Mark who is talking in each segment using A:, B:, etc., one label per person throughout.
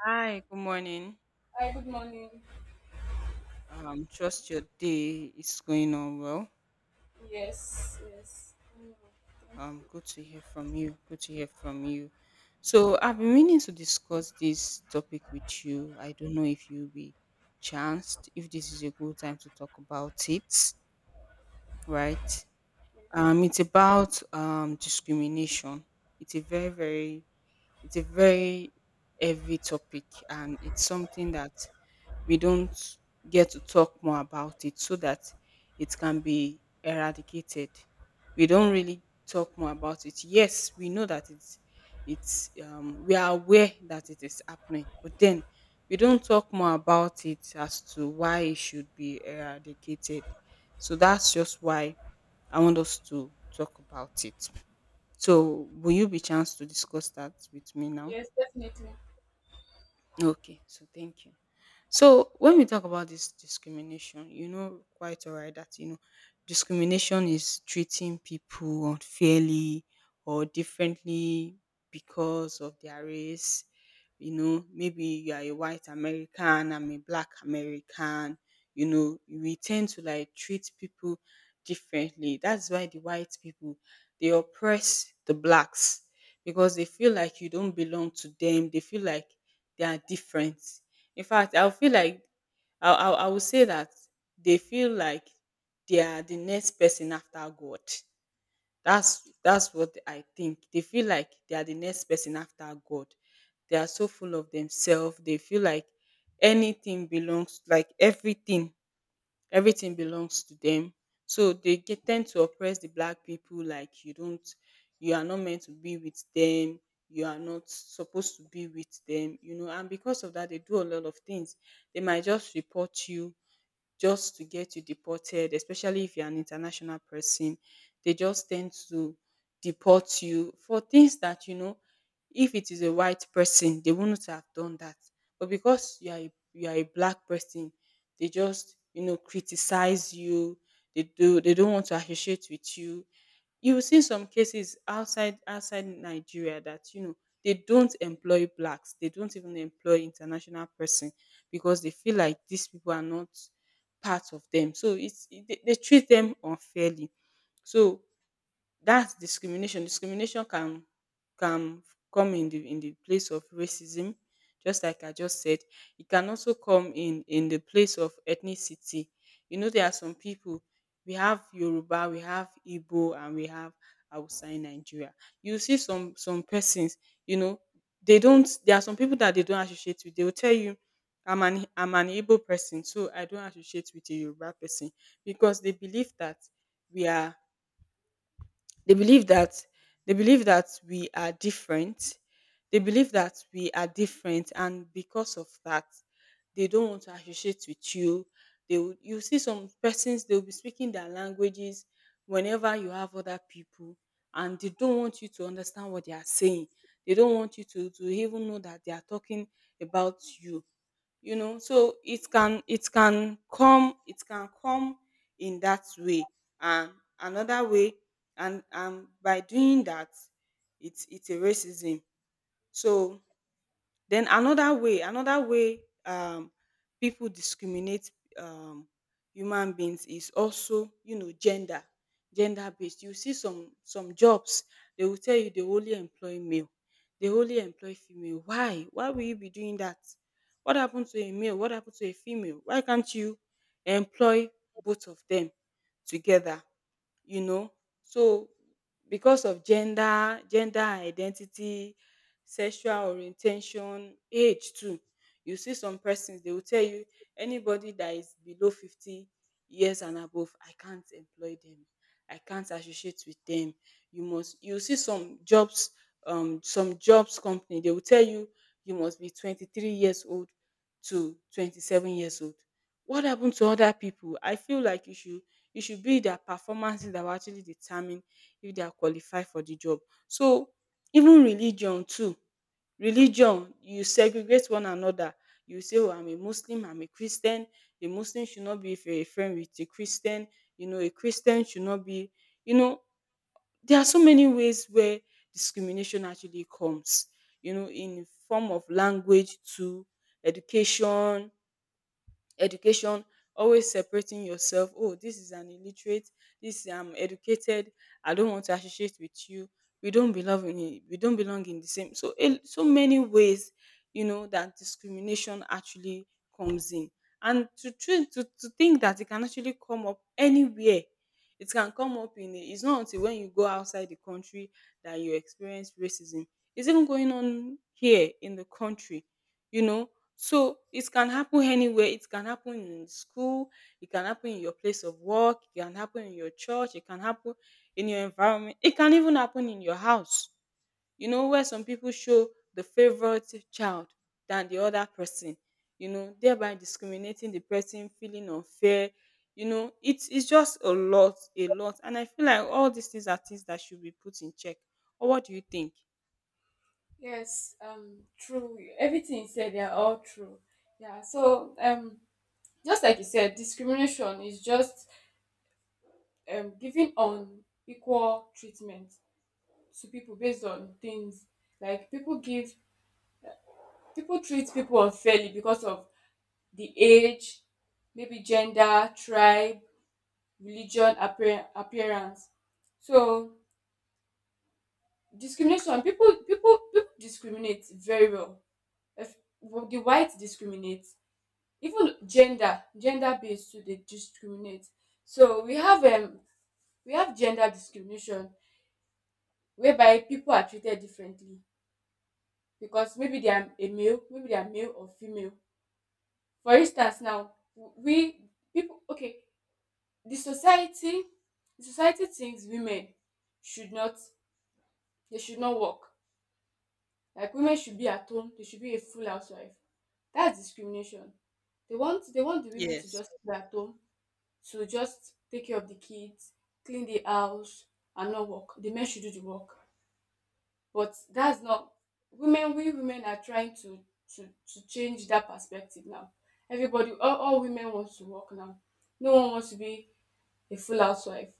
A: Hi, good morning.
B: Hi, good morning.
A: Trust your day is going on well.
B: Yes, yes. Thank you.
A: Good to hear from you. Good to hear from you. So I've been meaning to discuss this topic with you. I don't know if you'll be chanced, if this is a good time to talk about it, right?
B: Yes,
A: It's about discrimination. It's a very, very, it's a very heavy topic, and it's something that we don't get to talk more about it so that it can be eradicated. We don't really talk more about it. Yes, we know that it's we are aware that it is happening, but then we don't talk more about it as to why it should be eradicated. So that's just why I want us to talk about it. So will you be chance to discuss that with me now?
B: yes, definitely.
A: Okay, so thank you. So when we talk about this discrimination, you know quite alright that discrimination is treating people unfairly or differently because of their race. You know, maybe you are a white American, I'm a black American. You know, we tend to like treat people differently. That's why the white people they oppress the blacks because they feel like you don't belong to them. They feel like they are different. In fact, I'll feel like I will say that they feel like they are the next person after God. That's what I think. They feel like they are the next person after God. They are so full of themselves. They feel like anything belongs, like everything belongs to them. So they tend to oppress the black people like you don't, you are not meant to be with them, you are not supposed to be with them, you know. And because of that, they do a lot of things. They might just report you just to get you deported, especially if you're an international person. They just tend to deport you for things that, you know, if it is a white person, they wouldn't have done that. But because you are a black person, they just, you know, criticize you. They don't want to associate with you. You will see some cases outside Nigeria that, you know, they don't employ blacks. They don't even employ international person because they feel like these people are not part of them. So they treat them unfairly. So that's discrimination. Discrimination can come in the place of racism, just like I just said. It can also come in the place of ethnicity. You know, there are some people we have Yoruba, we have Igbo, and we have Hausa in Nigeria. You see some persons, you know, they don't. There are some people that they don't associate with. They will tell you, I'm an Igbo person, so I don't associate with a Yoruba person because we are they believe that we are different. They believe that we are different, and because of that, they don't want to associate with you. You see some persons they will be speaking their languages whenever you have other people, and they don't want you to understand what they are saying. They don't want you to even know that they are talking about you, you know. So it can come in that way. And another way and by doing that, it's a racism. So then another way, people discriminate, um human beings, is also, you know, gender based you see some jobs, they will tell you they only employ male, they only employ female. Why will you be doing that? What happened to a male? What happened to a female? Why can't you employ both of them together? You know, so because of gender identity, sexual orientation, age too. You see some persons, they will tell you anybody that is below 50 years and above, I can't employ them, I can't associate with them. You see some jobs, some jobs company, they will tell you, you must be 23 years old to 27 years old. What happened to other people? I feel like you should it should be their performances that will actually determine if they are qualified for the job. So even religion too, religion, you segregate one another. You say, oh, I'm a Muslim, I'm a Christian, a Muslim should not be a friend with a Christian, you know, a Christian should not be, you know, there are so many ways where discrimination actually comes, you know, in form of language to education, education always separating yourself. Oh, this is an illiterate, this, I'm educated, I don't want to associate with you, we don't belong we don't belong in the same. So so many ways, you know, that discrimination actually comes in. And to tru- to think that it can actually come up anywhere, it can come up it's not until when you go outside the country that you experience racism. It's even going on here in the country, you know. So it can happen anywhere. It can happen in school. It can happen in your place of work. It can happen in your church. It can happen in your environment. It can even happen in your house. You know, where some people show the favorite child than the other person, you know, thereby discriminating the person, feeling unfair. You know, it's just a lot, a lot. And I feel like all these things are things that should be put in check. Or what do you think?
B: Yes, true. Everything you said, they are all true. Yeah. So, just like you said, discrimination is just giving unequal treatment to people based on things like people give people treat people unfairly because of the age, maybe gender, tribe, religion, appearance. So discrimination people discriminate very well. Well, the white discriminate, even gender based too dey discriminate. So we have gender discrimination, whereby people are treated differently because maybe they are male or female. For instance, now we people. Okay, the society, the society thinks women should not, they should not work. Like women should be at home, they should be a full housewife. That's discrimination. They want the women to
A: Yes.
B: just be at home, to just take care of the kids, clean the house, and not work. The men should do the work. But that's not, women, we women are trying to to change that perspective now. Everybody, all women wants to work now. No one wants to be a full housewife.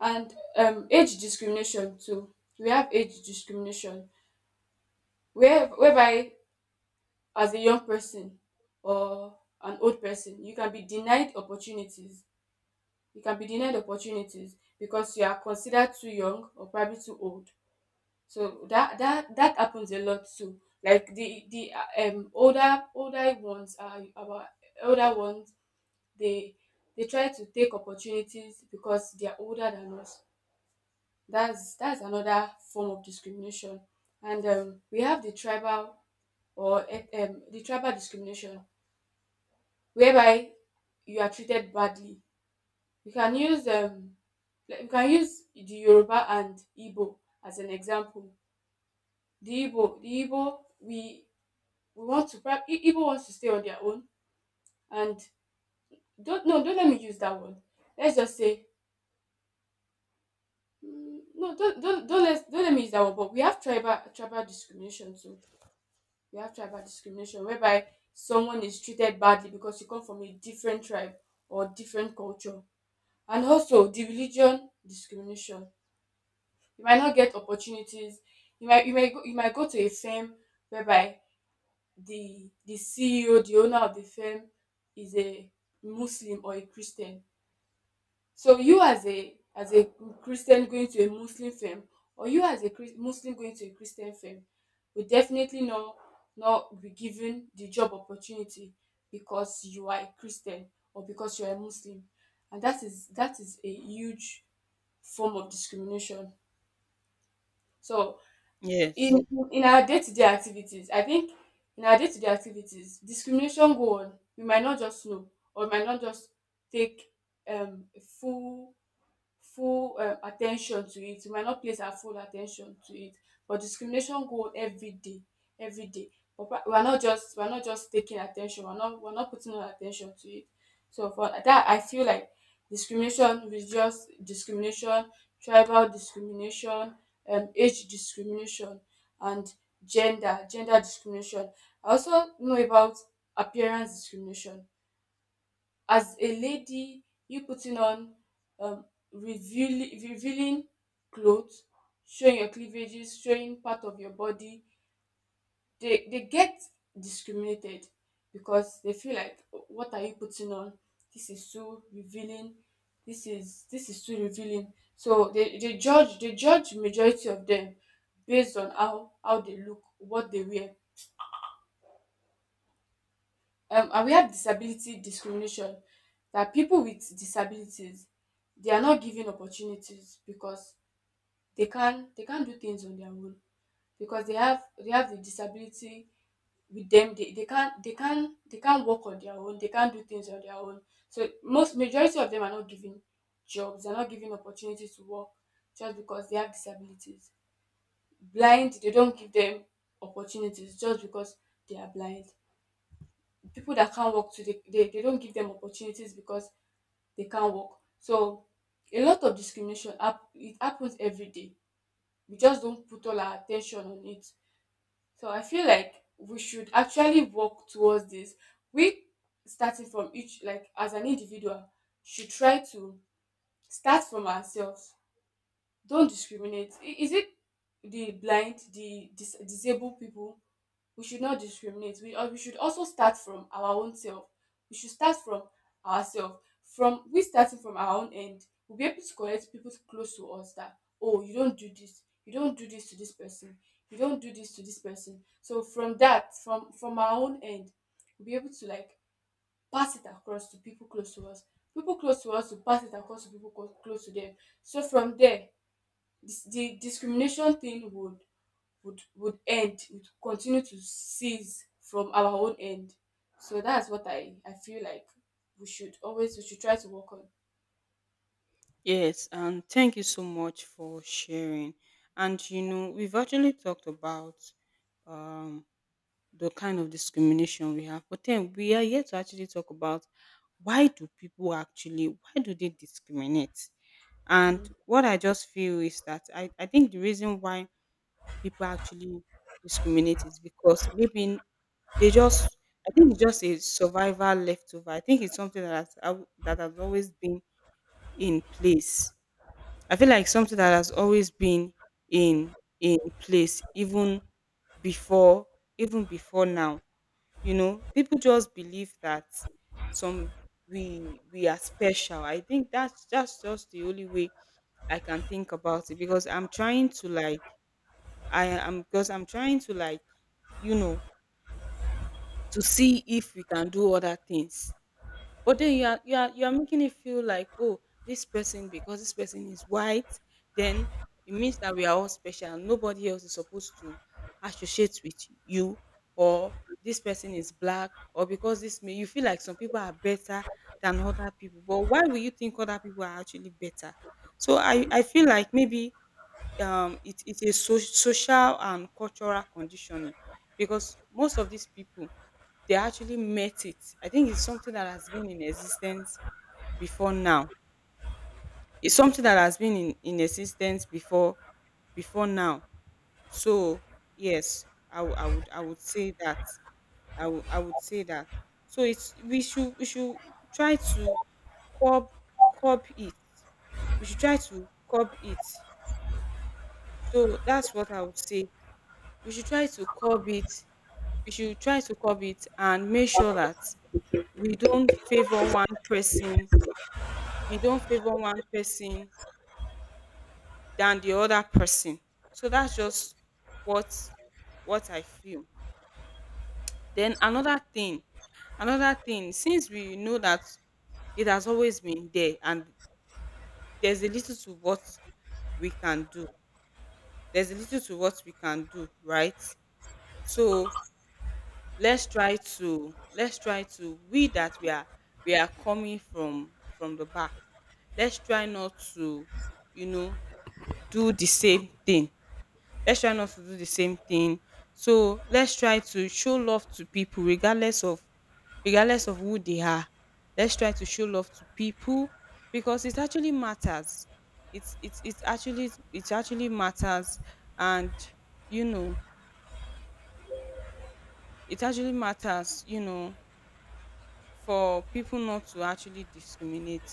B: And age discrimination too. We have age discrimination. Whereby as a young person or an old person, you can be denied opportunities. You can be denied opportunities because you are considered too young or probably too old. So that happens a lot too. Like the older older ones are our older ones. They they try to take opportunities because they are older than us. That's another form of discrimination. And we have the tribal or the tribal discrimination whereby you are treated badly. You can use like you can use the Yoruba and Igbo as an example. The Igbo, we Igbo wants to stay on their own, and don't no don't let me use that one. Let's just say mm, no don't don't let me use that one. But we have tribal discrimination too. We have tribal discrimination whereby someone is treated badly because you come from a different tribe or different culture. And also the religion discrimination. You might not get opportunities. You might go to a firm whereby the CEO, the owner of the firm, is a Muslim or a Christian. So you as a Christian going to a Muslim firm, or you as a Muslim going to a Christian firm, will definitely not not be given the job opportunity because you are a Christian or because you are a Muslim, and that is a huge form of discrimination. So
A: Yes.
B: in in our day-to-day activities, I think in our day-to-day activities, discrimination go on. We might not just know, or we might not just take a full full at to it. You might not place our full attention to it. But discrimination go every day, every day. But we are not just, we are not just taking attention. We are not, we are not putting our attention to it. So for that, I feel like discrimination, religious discrimination, tribal discrimination, age discrimination, and gender discrimination. I also know about appearance discrimination. As a lady, you putting on um revealing clothes, showing your cleavages, showing part of your body, they get discriminated because they feel like, what are you putting on? This is too revealing. This is too revealing. So they judge majority of them based on how they look, what they wear. And we have disability discrimination, that people with disabilities, they are not given opportunities because they can't do things on their own, because they have the disability with them. They can't work on their own, they can't do things on their own. So most majority of them are not given jobs, they're not given opportunities to work just because they have disabilities. Blind, they don't give them opportunities just because they are blind. People that can't work too, they don't give them opportunities because they can't work. So a lot of it happens every day. We just don't put all our attention on it. So I feel like we should actually work towards this. We starting from each, like as an individual, should try to start from ourselves. Don't discriminate, is it the blind, the disabled people, we should not discriminate. We we should also start from our own self. We should start from ourselves. From we starting from our own end, we'll be able to correct people close to us that, oh, you don't do this, you don't do this to this person, you don't do this to this person. So from that, from our own end, we'll be able to like pass it across to people close to us. People close to us will pass it across to people close to them. So from there, this, the discrimination thing would, would end, would continue to seize from our own end. So that's what I feel like we should always, we should try to work on.
A: Yes, and thank you so much for sharing. And you know, we've actually talked about, um, the kind of discrimination we have, but then we are yet to actually talk about why do they discriminate? And what I just feel is that I think the reason why people actually discriminate is because maybe they just, I think it's just a survival leftover. I think it's something that that has always been in place. I feel like something that has always been in place, even before, even before now. You know, people just believe that some, we are special. I think that's just the only way I can think about it, because I'm trying to like, I am because I'm trying to like, you know, to see if we can do other things. But then you are you are making it feel like, oh, this person, because this person is white, then it means that we are all special. Nobody else is supposed to associate with you, or this person is black, or because this, may, you feel like some people are better than other people. But why will you think other people are actually better? So I feel like maybe, it, it's a so, social and cultural conditioning, because most of these people they actually met it. I think it's something that has been in existence before now. It's something that has been in existence before, before now. So yes, I would say that, I would say that. So it's we should try to curb, curb it. We should try to curb it. So that's what I would say. We should try to curb it. We should try to curb it and make sure that we don't favor one person, we don't favor one person than the other person. So that's just what what I feel. Then another thing, since we know that it has always been there and there's a little to what we can do. There's a little to what we can do, right? So let's try to, we that we are, we are coming from the back, let's try not to, you know, do the same thing, let's try not to do the same thing. So let's try to show love to people regardless of, regardless of who they are. Let's try to show love to people because it actually matters. It's actually, it actually matters. And, you know, it actually matters, you know, for people not to actually discriminate.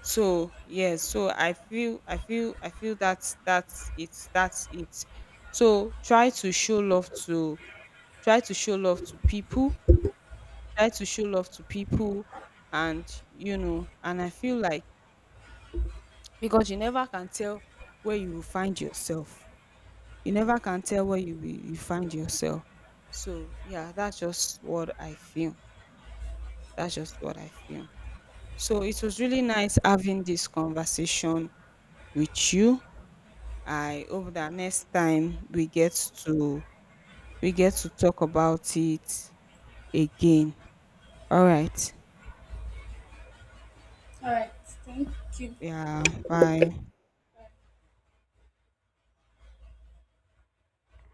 A: So yes, so I feel that's that's it. So try to show love to, try to show love to people, try to show love to people. And, you know, and I feel like, because you never can tell where you will find yourself, you never can tell where you find yourself. So yeah, that's just what I feel, that's just what I feel. So it was really nice having this conversation with you. I hope that next time we get to, we get to talk about it again. All right.
B: All right. Thank you.
A: Yeah, bye.